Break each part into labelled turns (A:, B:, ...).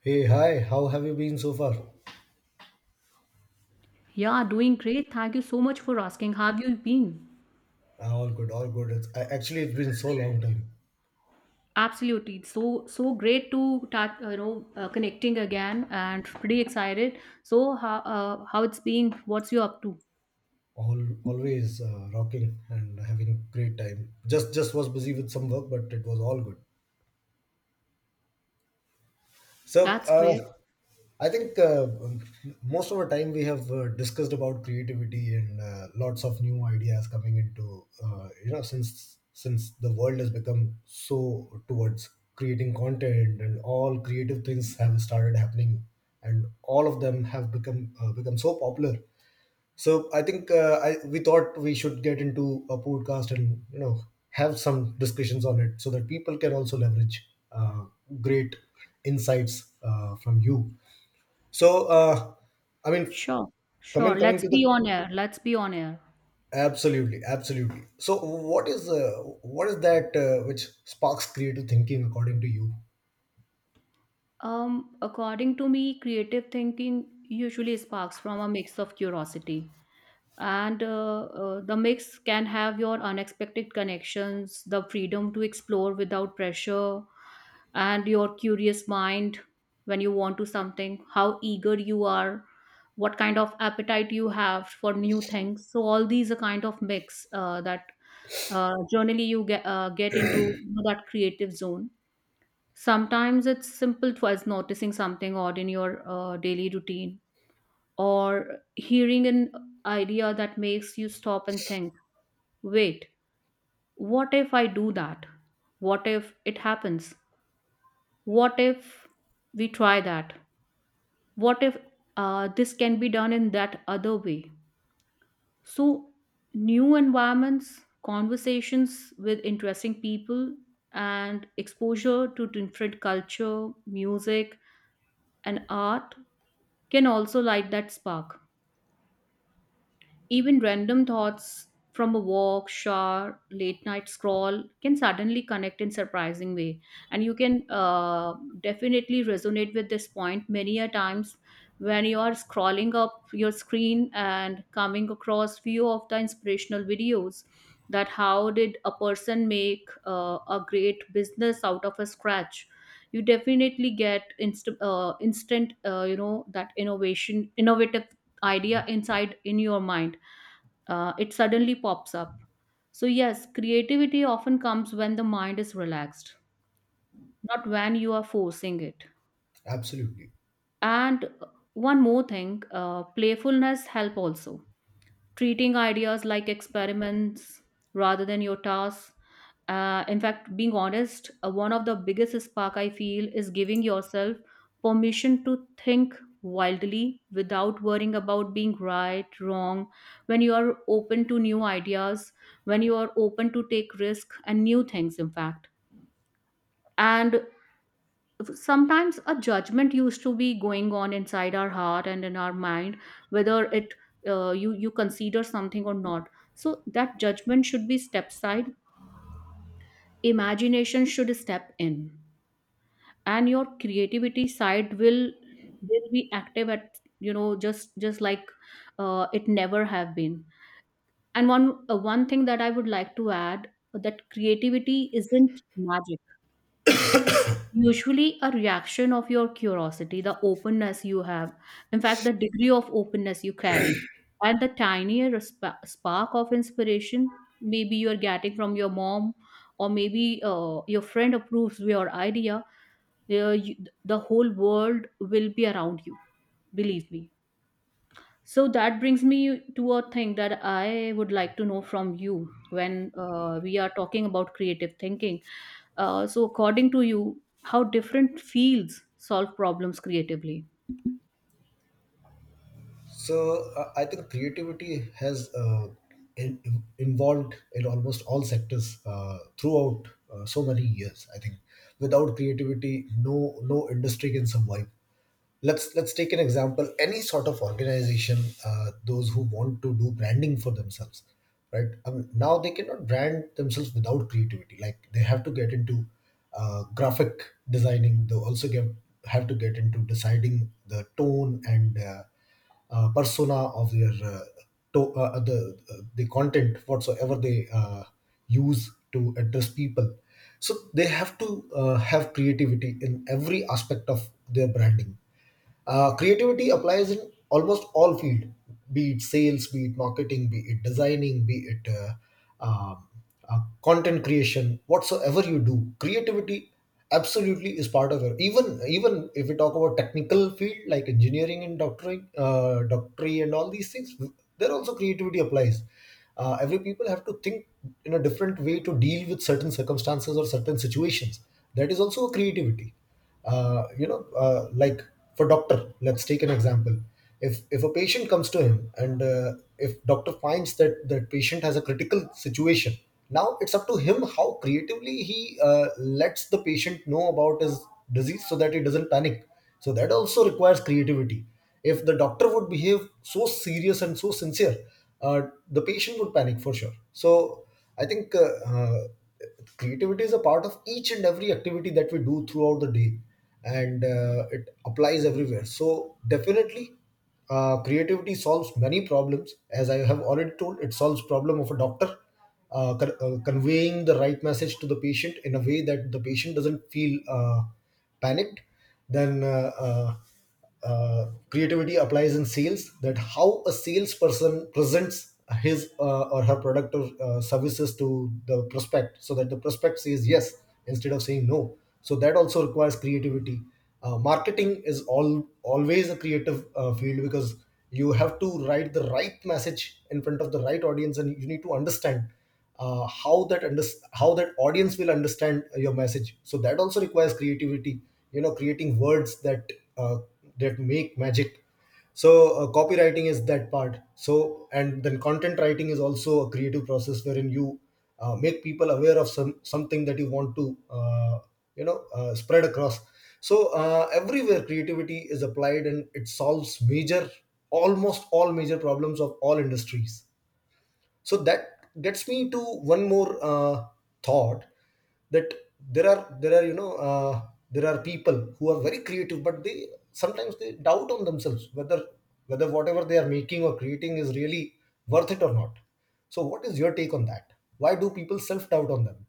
A: Hey, hi, how have you been so far?
B: Yeah, doing great. Thank you so much for asking. How have you been?
A: Ah, all good, all good. It's, I, actually, it's been so long time.
B: Absolutely. It's so so great to connecting again and pretty excited. So how it's been? What's you up to?
A: All, always rocking and having great time. Just was busy with some work, but it was all good. So,
B: That's great.
A: I think most of the time we have discussed about creativity and lots of new ideas coming into since the world has become so towards creating content and all creative things have started happening and all of them have become so popular so I think we thought we should get into a podcast, and you know, have some discussions on it so that people can also leverage uh, great insights from you. So, I mean,
B: Sure. Sure.
A: coming coming
B: Let's
A: to the
B: be on air. Let's be on air.
A: absolutely, absolutely. So what is that which sparks creative thinking according to you?
B: According to me, creative thinking usually sparks from a mix of curiosity, and the mix can have your unexpected connections, the freedom to explore without pressure and your curious mind when you want to something, how eager you are, what kind of appetite you have for new things. So all these are kind of mix that generally you get into that creative zone. Sometimes it's simple as noticing something odd in your daily routine or hearing an idea that makes you stop and think, wait, what if I do that? What if it happens? What if we try that? What if this can be done in that other way? So, new environments, conversations with interesting people, and exposure to different culture, music, and art can also light that spark. Even random thoughts from a walk, shower, late night scroll can suddenly connect in surprising way. And you can definitely resonate with this point many a times when you are scrolling up your screen and coming across few of the inspirational videos, that how did a person make a great business out of a scratch. You definitely get instant that innovation innovative idea inside in your mind. It suddenly pops up. So, yes, creativity often comes when the mind is relaxed, not when you are forcing it.
A: Absolutely.
B: And one more thing, playfulness help also, treating ideas like experiments rather than your tasks. In fact, being honest, one of the biggest spark I feel is giving yourself permission to think wildly without worrying about being right, wrong. When you are open to new ideas, when you are open to take risk and new things, in fact. And sometimes a judgment used to be going on inside our heart and in our mind, whether it, you consider something or not. So that judgment should be step side, imagination should step in, and your creativity side will be active at you know just like it never have been. And one thing that I would like to add, that creativity isn't magic. Usually, a reaction of your curiosity, the openness you have, in fact, the degree of openness you carry, and the tinier spark of inspiration, maybe you're getting from your mom, or maybe your friend approves your idea, you, the whole world will be around you. Believe me. So that brings me to a thing that I would like to know from you. When we are talking about creative thinking, so, according to you, how different fields solve problems creatively?
A: So I think creativity has involved in almost all sectors throughout so many years. I think without creativity, no industry can survive. Let's take an example. Any sort of organization, those who want to do branding for themselves, right? Now they cannot brand themselves without creativity. Like, they have to get into graphic designing. They also get have to get into deciding the tone and persona of their to, the content whatsoever they use to address people, so they have to have creativity in every aspect of their branding. Creativity applies in almost all field, be it sales, be it marketing, be it designing, be it um content creation. Whatsoever you do, creativity absolutely is part of it. Even if we talk about technical field like engineering and doctoring, doctory, and all these things, there also creativity applies. Every people have to think in a different way to deal with certain circumstances or certain situations. That is also a creativity. Like, for doctor, let's take an example. If a patient comes to him, and if doctor finds that that patient has a critical situation, now it's up to him how creatively he lets the patient know about his disease so that he doesn't panic. So that also requires creativity. If the doctor would behave so serious and so sincere, uh, the patient would panic for sure. So I think creativity is a part of each and every activity that we do throughout the day, and it applies everywhere. So definitely, creativity solves many problems. As I have already told, it solves problem of a doctor conveying the right message to the patient in a way that the patient doesn't feel panicked. Then. Creativity applies in sales, that how a salesperson presents his or her product or services to the prospect so that the prospect says yes instead of saying no. So that also requires creativity. Marketing is all always a creative field, because you have to write the right message in front of the right audience, and you need to understand uh, how that under, how that audience will understand your message. So that also requires creativity. You know, creating words that uh, that make magic. So copywriting is that part. So, and then content writing is also a creative process wherein you make people aware of something that you want to spread across. So everywhere creativity is applied, and it solves major, almost all major problems of all industries. So that gets me to one more thought, that there are you know there are people who are very creative, but they sometimes they doubt on themselves whether whatever they are making or creating is really worth it or not. So what is your take on that? Why do people self doubt on them?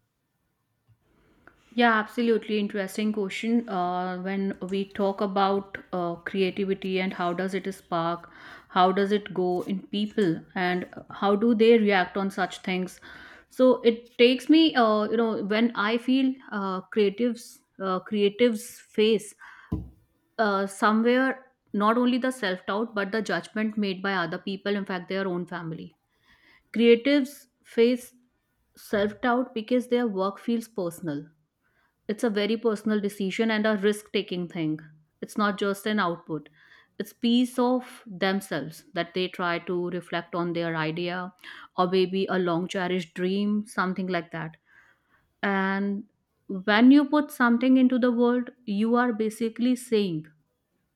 B: Yeah, absolutely interesting question. When we talk about creativity and how does it spark, how does it go in people, and how do they react on such things? So it takes me, you know, when I feel creatives face somewhere not only the self doubt but the judgment made by other people, in fact, their own family. Creatives face self doubt because their work feels personal. It's a very personal decision and a risk taking thing. It's not just an output, it's piece of themselves that they try to reflect on their idea, or maybe a long cherished dream, something like that. And when you put something into the world, you are basically saying,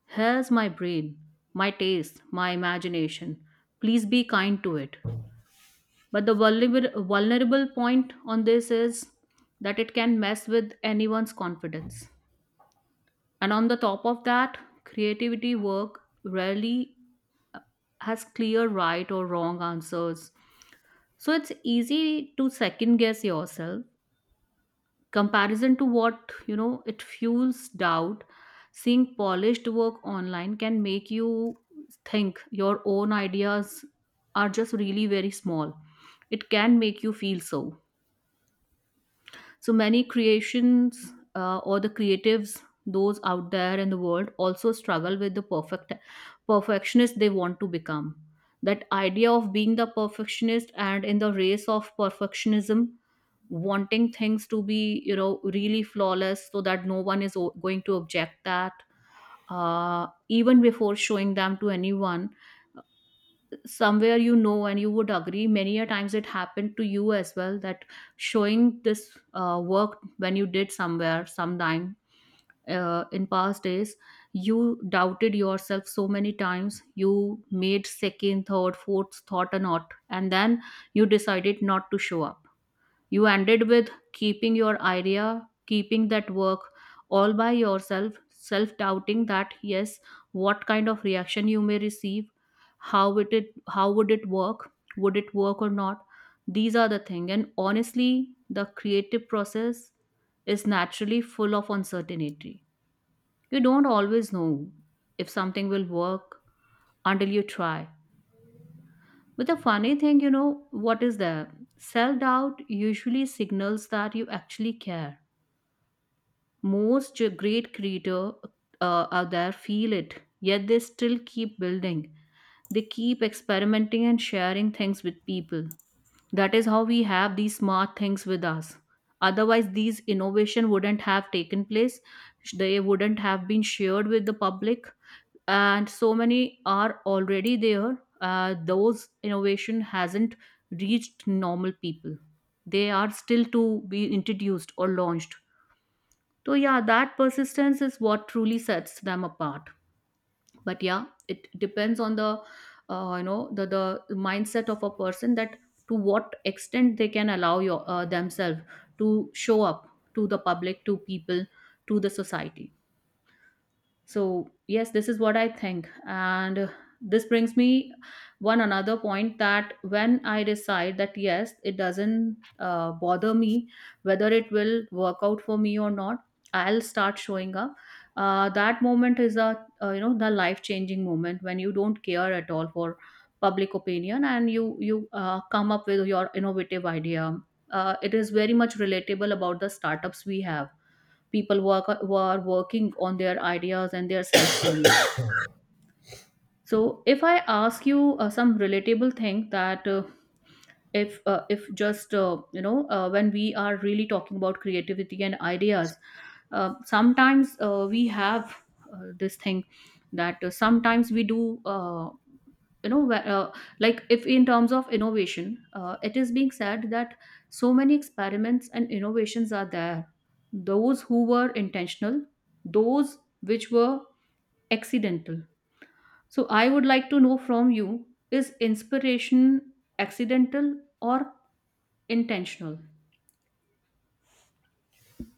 B: here's my brain, my taste, my imagination. Please be kind to it. But the vulnerable point on this is that it can mess with anyone's confidence. And on the top of that, creativity work rarely has clear right or wrong answers. So it's easy to second guess yourself. Comparison to, what, you know, it fuels doubt. Seeing polished work online can make you think your own ideas are just really very small. It can make you feel so. So many creations or the creatives, those out there in the world, also struggle with the perfectionist they want to become. That idea of being the perfectionist and in the race of perfectionism, wanting things to be, you know, really flawless so that no one is going to object that, even before showing them to anyone, somewhere you know, and you would agree many a times it happened to you as well, that showing this work when you did somewhere sometime in past days, you doubted yourself so many times, you made second third fourth thought a lot, and then you decided not to show up. You ended with keeping your idea, keeping that work all by yourself, self doubting that, yes, what kind of reaction you may receive, how would it work or not? These are the thing. And honestly, the creative process is naturally full of uncertainty. You don't always know if something will work until you try. But the funny thing, you know, what is there? Self doubt usually signals that you actually care. Most great creator out there feel it, yet they still keep building. They keep experimenting and sharing things with people. That is how we have these smart things with us. Otherwise, these innovation wouldn't have taken place. They wouldn't have been shared with the public, and so many are already there. Those innovation hasn't reached normal people. They are still to be introduced or launched. So, yeah, that persistence is what truly sets them apart. But yeah, it depends on the, you know, the mindset of a person that to what extent they can allow your, themselves to show up to the public, to people, to the society. So yes, this is what I think, and this brings me one another point, that when I decide that, yes, it doesn't bother me whether it will work out for me or not, I'll start showing up. That moment is a you know, the life changing moment when you don't care at all for public opinion and you come up with your innovative idea. It is very much relatable about the startups we have, people work, who are working on their ideas and their self belief. So, if I ask you some relatable thing, that if just you know, when we are really talking about creativity and ideas, sometimes we have this thing that sometimes we do, you know, like, if in terms of innovation, it is being said that so many experiments and innovations are there, those who were intentional, those which were accidental, so I would like to know from you, is inspiration accidental or intentional?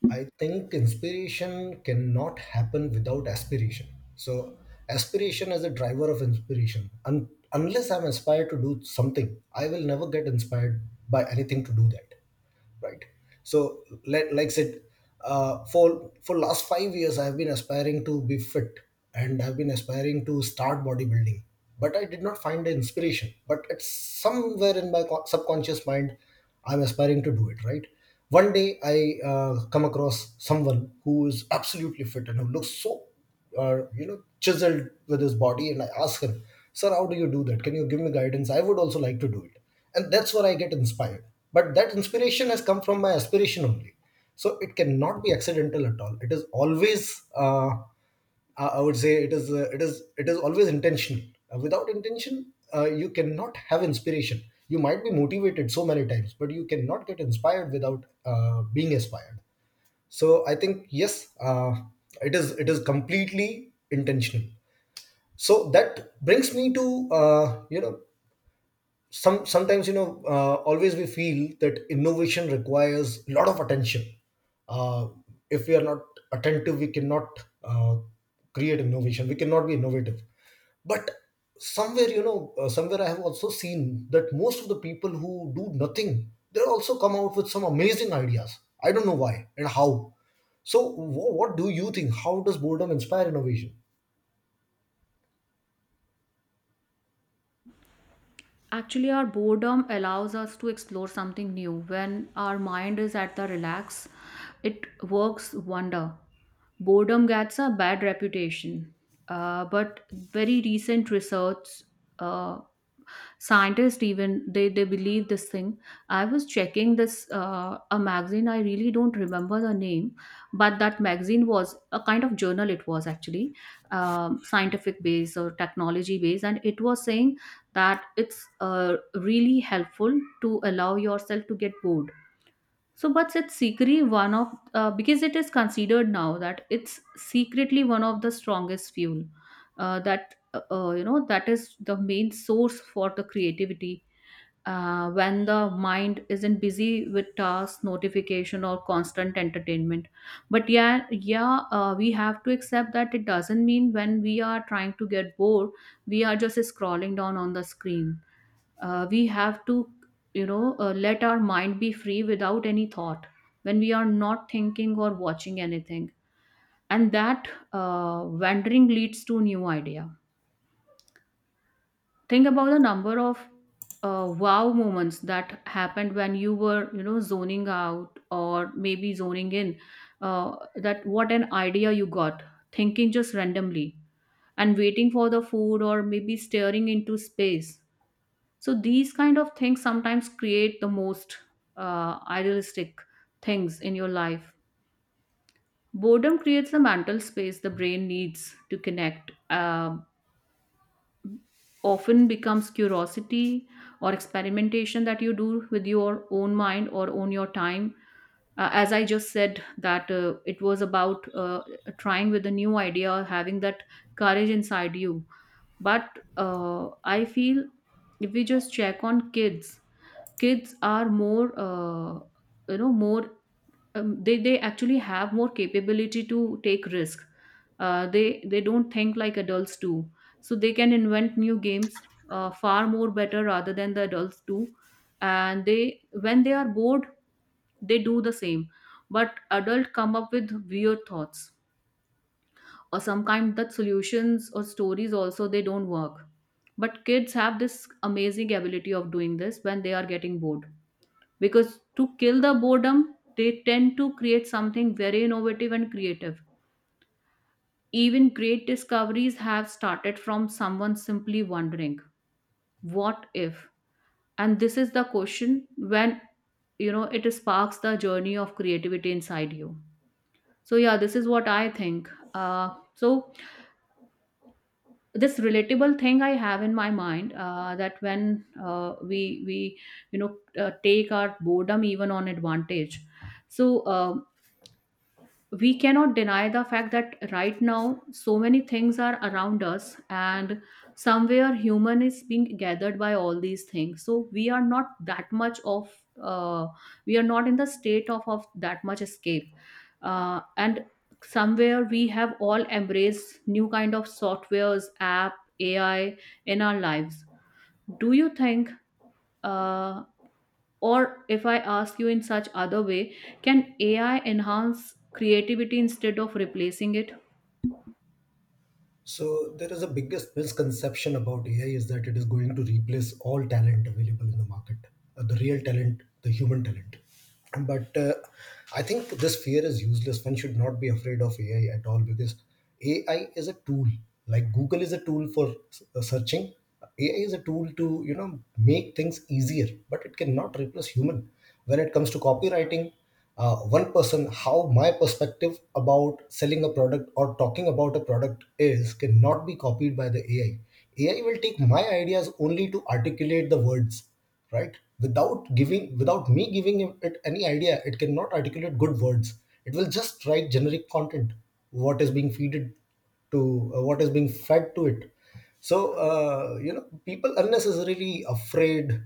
A: I think inspiration cannot happen without aspiration. So, aspiration is a driver of inspiration. Unless I'm inspired to do something, I will never get inspired by anything to do that. Right? So, like said, for last 5 years I've been aspiring to be fit, and I've been aspiring to start bodybuilding, but I did not find the inspiration. But it's somewhere in my subconscious mind I'm aspiring to do it, right? One day I come across someone who is absolutely fit and who looks so, or you know, chiseled with his body, and I ask him, "Sir, how do you do that? Can you give me guidance? I would also like to do it." And that's where I get inspired. But that inspiration has come from my aspiration only, so it cannot be accidental at all. It is always, uh, I would say, it is always intentional. Without intention, you cannot have inspiration. You might be motivated so many times, but you cannot get inspired without being inspired. So I think yes, it is completely intentional. So that brings me to sometimes you know always we feel that innovation requires a lot of attention. uh, if we are not attentive, we cannot create innovation, we cannot be innovative. But somewhere you know somewhere I have also seen that most of the people who do nothing, they also come out with some amazing ideas. I don't know why and how. So what do you think, how does boredom inspire innovation?
B: Actually, our boredom allows us to explore something new. When our mind is at the relax, it works wonder. Boredom gets a bad reputation, but very recent research, uh, scientists even they believe this thing. I was checking this a magazine, I really don't remember the name, but that magazine was a kind of journal, it was actually scientific based or technology based, and it was saying that it's really helpful to allow yourself to get bored. So, but it's secretly one of, because it is considered now that it's secretly one of the strongest fuel, that you know, that is the main source for the creativity, when the mind isn't busy with tasks, notification, or constant entertainment. But yeah, yeah, we have to accept that it doesn't mean when we are trying to get bored, we are just scrolling down on the screen. We have to, let our mind be free without any thought when we are not thinking or watching anything, and that wandering leads to new idea. Think about the number of wow moments that happened when you were, you know, zoning out or maybe zoning in, that what an idea you got thinking just randomly and waiting for the food or maybe staring into space. So these kind of things sometimes create the most idealistic things in your life. Boredom creates the mental space the brain needs to connect, often becomes curiosity or experimentation that you do with your own mind or on your time. As I just said that it was about trying with a new idea, having that courage inside you. But I feel, if we just check on kids, kids are more, you know, more, they actually have more capability to take risk. They don't think like adults do, so they can invent new games far more better rather than the adults do. And they, when they are bored, they do the same. But adult come up with weird thoughts or some kind that solutions or stories also they don't work. But kids have this amazing ability of doing this when they are getting bored, because to kill the boredom they tend to create something very innovative and creative. Even great discoveries have started from someone simply wondering what if, and this is the question when, you know, it sparks the journey of creativity inside you. So yeah, this is what I think. Uh, so this relatable thing I have in my mind, that when uh, we we, you know take our boredom even on advantage. So uh, we cannot deny the fact that right now so many things are around us, and somewhere human is being gathered by all these things, so we are not that much of, uh, we are not in the state of that much escape. And somewhere we have all embraced new kind of softwares app, AI, in our lives. Do you think, uh, or if I ask you in such other way, can AI enhance creativity instead of replacing it?
A: So there is a biggest misconception about AI, is that it is going to replace all talent available in the market, the real talent, the human talent. But I think this fear is useless. One should not be afraid of AI at all, because AI is a tool. Like Google is a tool for searching. AI is a tool to, you know, make things easier, but it cannot replace human. When it comes to copywriting, one person, how my perspective about selling a product or talking about a product is, cannot be copied by the AI. AI will take my ideas only to articulate the words, right? Without giving, without me giving it any idea, it cannot articulate good words. It will just write generic content, what is being feeded to, what is being fed to it. So you know, people unnecessarily afraid,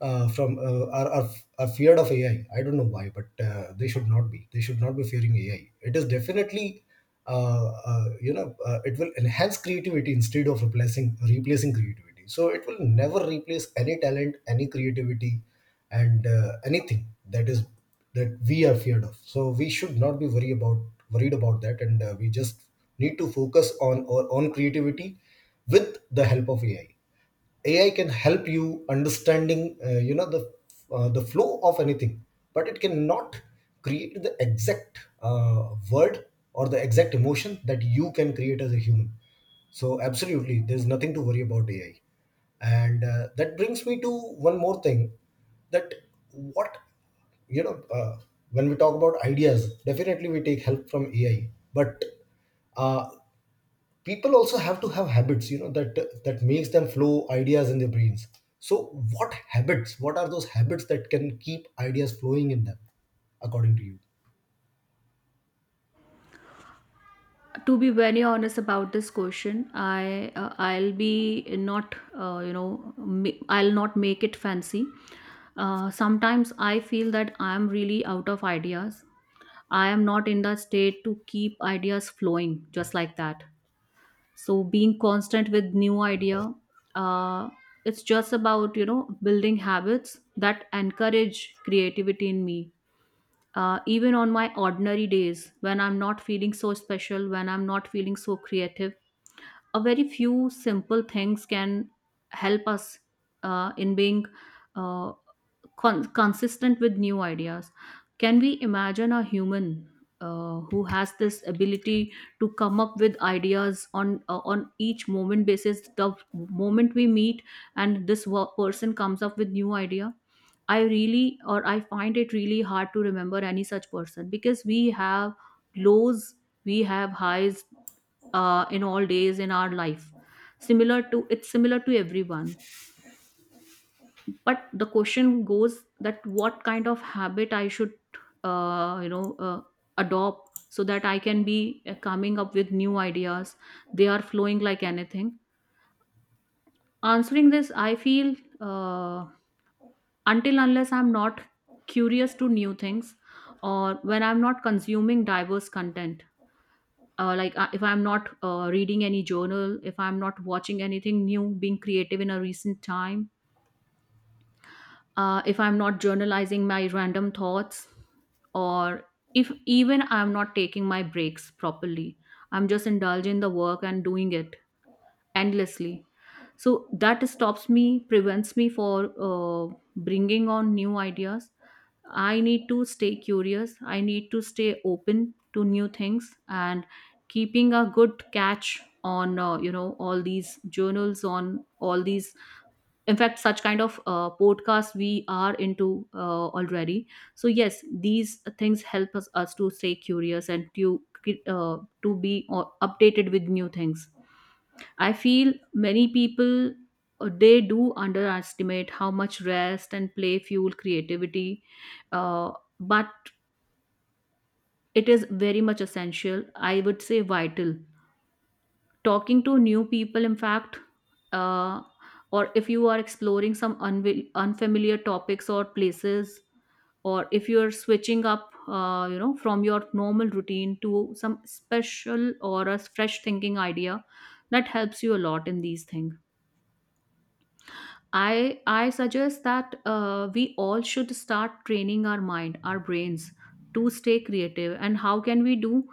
A: from are feared of AI. I don't know why, but they should not be fearing AI. It is definitely it will enhance creativity instead of replacing creativity. So it will never replace any talent, any creativity, and anything that is, that we are feared of. So we should not be worry about worried about that, and we just need to focus on our own creativity with the help of AI. AI can help you understanding uh, you know the the flow of anything, but it cannot create the exact word or the exact emotion that you can create as a human. So absolutely there's nothing to worry about AI. And that brings me to one more thing, that what you know when we talk about ideas, definitely we take help from AI, but uh, people also have to have habits, you know, that that makes them flow ideas in their brains. So what habits, what are those habits that can keep ideas flowing in them, according to you?
B: To be very honest about this question, I'll be not, you know, I'll not make it fancy. Sometimes I feel that I am really out of ideas. I am not in the state to keep ideas flowing just like that. So being constant with new idea, uh, it's just about, you know, building habits that encourage creativity in me, even on my ordinary days when I'm not feeling so special, when I'm not feeling so creative. A very few simple things can help us in being uh, consistent with new ideas. Can we imagine a human who has this ability to come up with ideas on, on each moment basis, the moment we meet, and this person comes up with new idea? I really, or I find it really hard to remember any such person, because we have lows, we have highs in all days in our life. Similar to, it's similar to everyone, but the question goes that what kind of habit I should, uh, you know uh, adopt so that I can be coming up with new ideas. They are flowing like anything. Answering this, I feel, Uh, until unless I'm not curious to new things, or when I'm not consuming diverse content, if I'm not reading any journal, if I'm not watching anything new being creative in a recent time, if I'm not journalizing my random thoughts, or if even I'm not taking my breaks properly, I'm just indulging in the work and doing it endlessly, so that stops me, prevents me for, uh, bringing on new ideas. I need to stay curious. I need to stay open to new things, and keeping a good catch on, you know, all these journals, on all these, in fact such kind of podcasts we are into, already. So yes, these things help us to stay curious, and to be updated with new things. I feel many people, they do underestimate how much rest and play fuel creativity, uh, but it is very much essential. I would say vital. Talking to new people, in fact, uh, or if you are exploring some unfamiliar topics or places, or if you are switching up, you know, from your normal routine to some special or a fresh thinking idea, that helps you a lot in these things. I suggest that we all should start training our mind, our brains, to stay creative. And how can we do?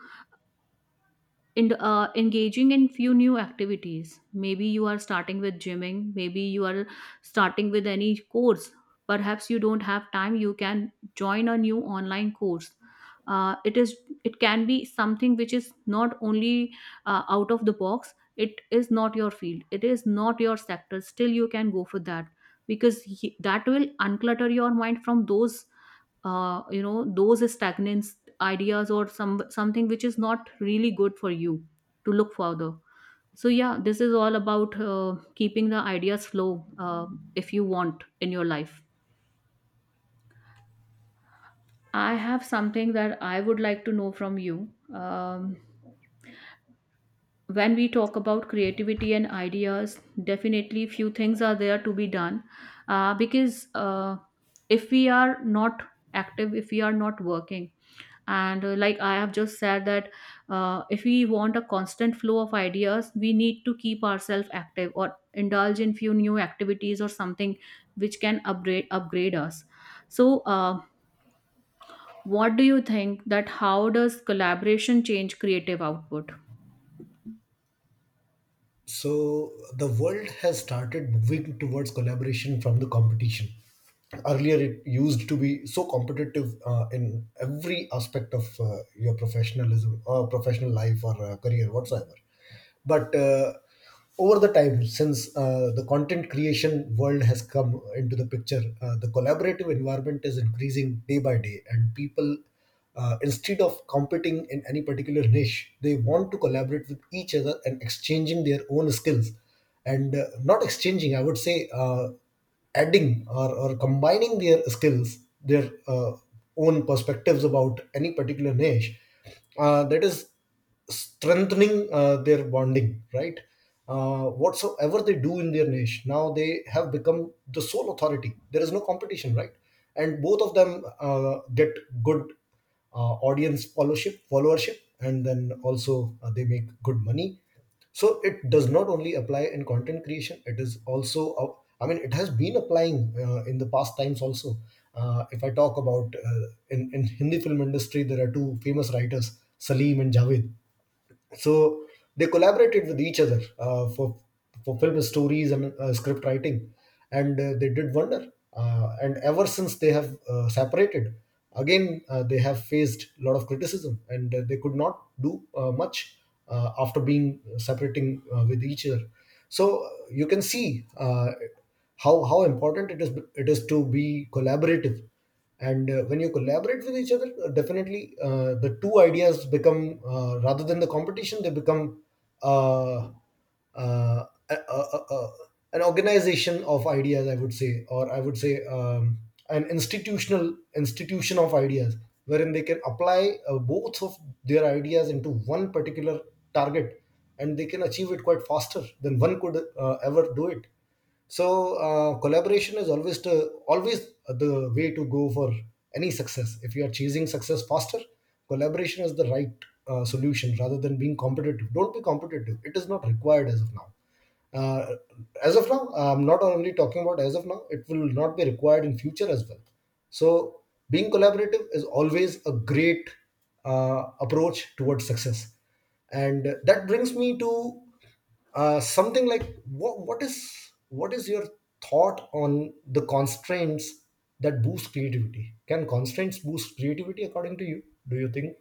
B: And engaging in few new activities, maybe you are starting with gymming, maybe you are starting with any course, perhaps you don't have time, you can join a new online course. It is, it can be something which is not only out of the box, it is not your field, it is not your sector, still you can go for that, because he, that will unclutter your mind from those you know, those stagnant ideas, or some something which is not really good for you to look further. So yeah, this is all about keeping the ideas flow, if you want in your life. I have something that I would like to know from you. When we talk about creativity and ideas, definitely few things are there to be done, because if we are not active, if we are not working, and like I have just said that, if we want a constant flow of ideas, we need to keep ourselves active or indulge in few new activities, or something which can upgrade us. So what do you think that how does collaboration change creative output?
A: So the world has started moving towards collaboration from the competition. Earlier it used to be so competitive in every aspect of your professionalism or professional life or career whatsoever. But over the time, since the content creation world has come into the picture, the collaborative environment is increasing day by day, and people instead of competing in any particular niche, they want to collaborate with each other and exchanging their own skills, and not exchanging, I would say adding or combining their skills, their uh, own perspectives about any particular niche. That is strengthening their bonding, right? Whatsoever they do in their niche, now they have become the sole authority, there is no competition, right? And both of them get good audience, followership, and then also they make good money. So it does not only apply in content creation, it is also I mean, it has been applying in the past times also. If I talk about in Hindi film industry, there are two famous writers, Salim and Javed. So they collaborated with each other for film stories and script writing. And they did wonder, and ever since they have separated again, they have faced a lot of criticism and they could not do much after being separating with each other. So you can see how important it is, to be collaborative. And when you collaborate with each other, definitely, the two ideas become, rather than the competition, they become uh, uh, a, a, a, a- an organization of ideas, I would say, or I would say, an institution of ideas, wherein they can apply both of their ideas into one particular target, and they can achieve it quite faster than one could ever do it. So collaboration is always the, always the way to go for any success. If you are chasing success faster, collaboration is the right solution, rather than being competitive. Don't be competitive, it is not required as of now. uh, as of now, I'm not only talking about as of now, it will not be required in future as well. So being collaborative is always a great approach towards success. And that brings me to something like what is your thought on the constraints that boost creativity? Can constraints boost creativity according to you? Do you think?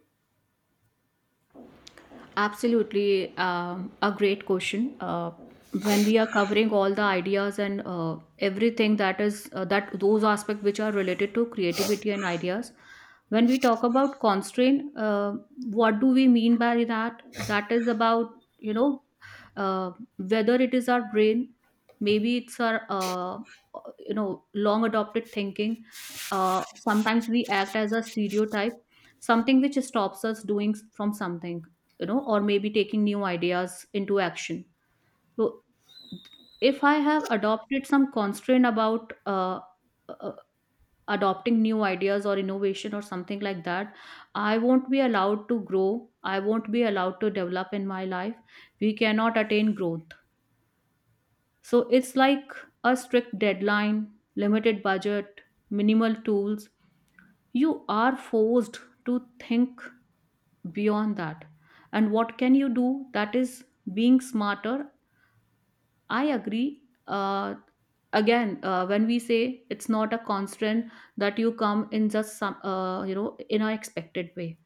B: Absolutely, a great question. When we are covering all the ideas and everything that is, that those aspects which are related to creativity and ideas, when we talk about constraint, what do we mean by that? That is about, you know uh, whether it is our brain, maybe it's our, you know, long adopted thinking. Sometimes we act as a stereotype, something which stops us doing from something, you know, or maybe taking new ideas into action. So if I have adopted some constraint about uh, adopting new ideas or innovation or something like that, I won't be allowed to grow, I won't be allowed to develop in my life, we cannot attain growth. So it's like a strict deadline, limited budget, minimal tools, you are forced to think beyond that. And what can you do? That is being smarter. I agree. Again, when we say it's not a constant that you come in just some, you know, in an expected way.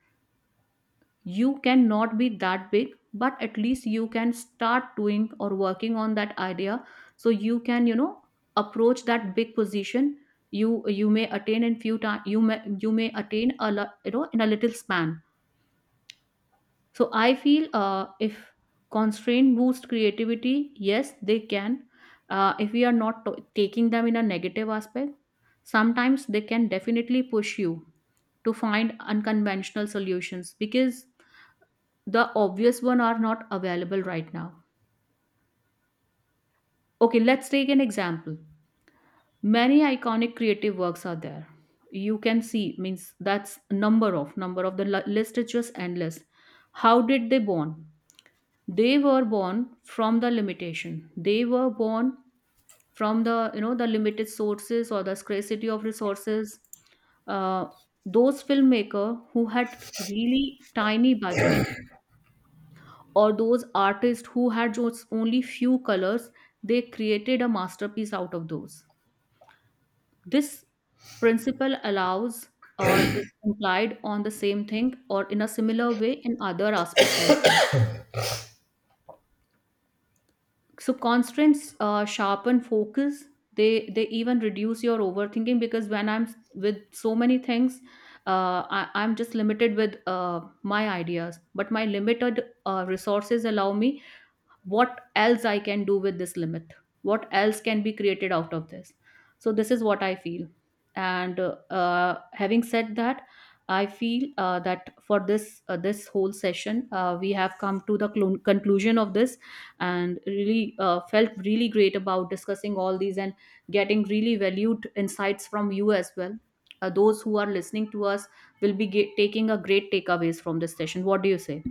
B: You cannot be that big, but at least you can start doing or working on that idea. So you can, you know, approach that big position. You may attain in few time. You may attain a lot, you know, in a little span. So I feel if constraint boost creativity, yes, they can. If we are not taking them in a negative aspect, sometimes they can definitely push you to find unconventional solutions, because the obvious one are not available right now. Okay, let's take an example. Many iconic creative works are there. You can see, means that's number of, number of the list is just endless. How did they born? They were born from the limitation, they were born from the, you know, the limited sources or the scarcity of resources. uh, those filmmaker who had really tiny budget, or those artists who had just only few colors, they created a masterpiece out of those. This principle allows, or is implied on the same thing or in a similar way in other aspect as well. So constraints sharpen focus. They even reduce your overthinking, because when I'm with so many things, I'm just limited with my ideas, but my limited resources allow me, what else I can do with this limit, what else can be created out of this. So this is what I feel. And having said that, I feel that for this this whole session we have come to the clon conclusion of this, and really felt really great about discussing all these, and getting really valued insights from you as well. Uh, those who are listening to us will be taking a great takeaways from this session. What do you say?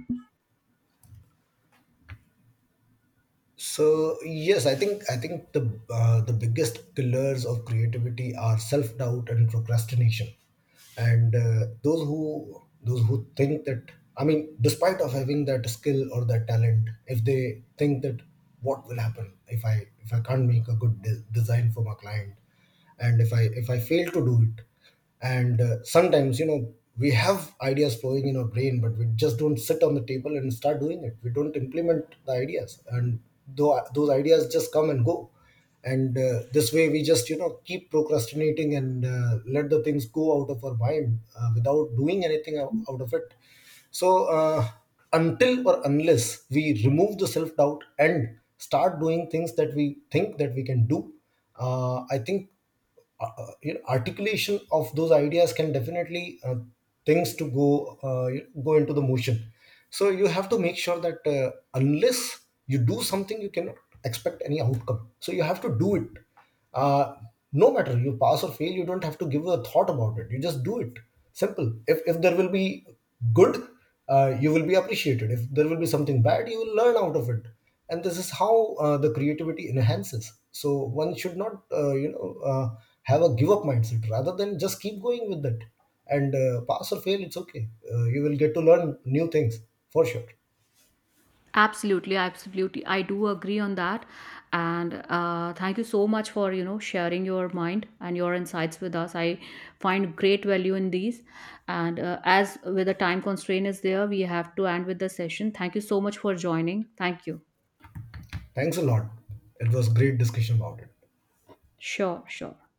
A: So yes, I think, the biggest killers of creativity are self doubt and procrastination. And those who, think that, I mean, despite of having that skill or that talent, if they think that what will happen if I, can't make a good design for my client, and if I, fail to do it, and sometimes, you know, we have ideas flowing in our brain, but we just don't sit on the table and start doing it. We don't implement the ideas, and though those ideas just come and go. And this way we just, you know, keep procrastinating and let the things go out of our mind without doing anything out, of it. So until or unless we remove the self doubt and start doing things that we think that we can do, I think you know, articulation of those ideas can definitely things to go uh, go into the motion. So you have to make sure that unless you do something, you cannot expect any outcome, so you have to do it. uh, no matter you pass or fail, you don't have to give a thought about it, you just do it. Simple. If there will be good, you will be appreciated. If there will be something bad, you will learn out of it. And this is how the creativity enhances. So one should not, you know, have a give up mindset, rather than just keep going with that. And pass or fail, it's okay, you will get to learn new things for sure.
B: Absolutely, absolutely. I do agree on that. And thank you so much for, you know, sharing your mind and your insights with us. I find great value in these. And as with the time constraint is there, we have to end with the session. Thank you so much for joining. Thank you.
A: Thanks a lot, it was great discussion about it.
B: Sure, sure.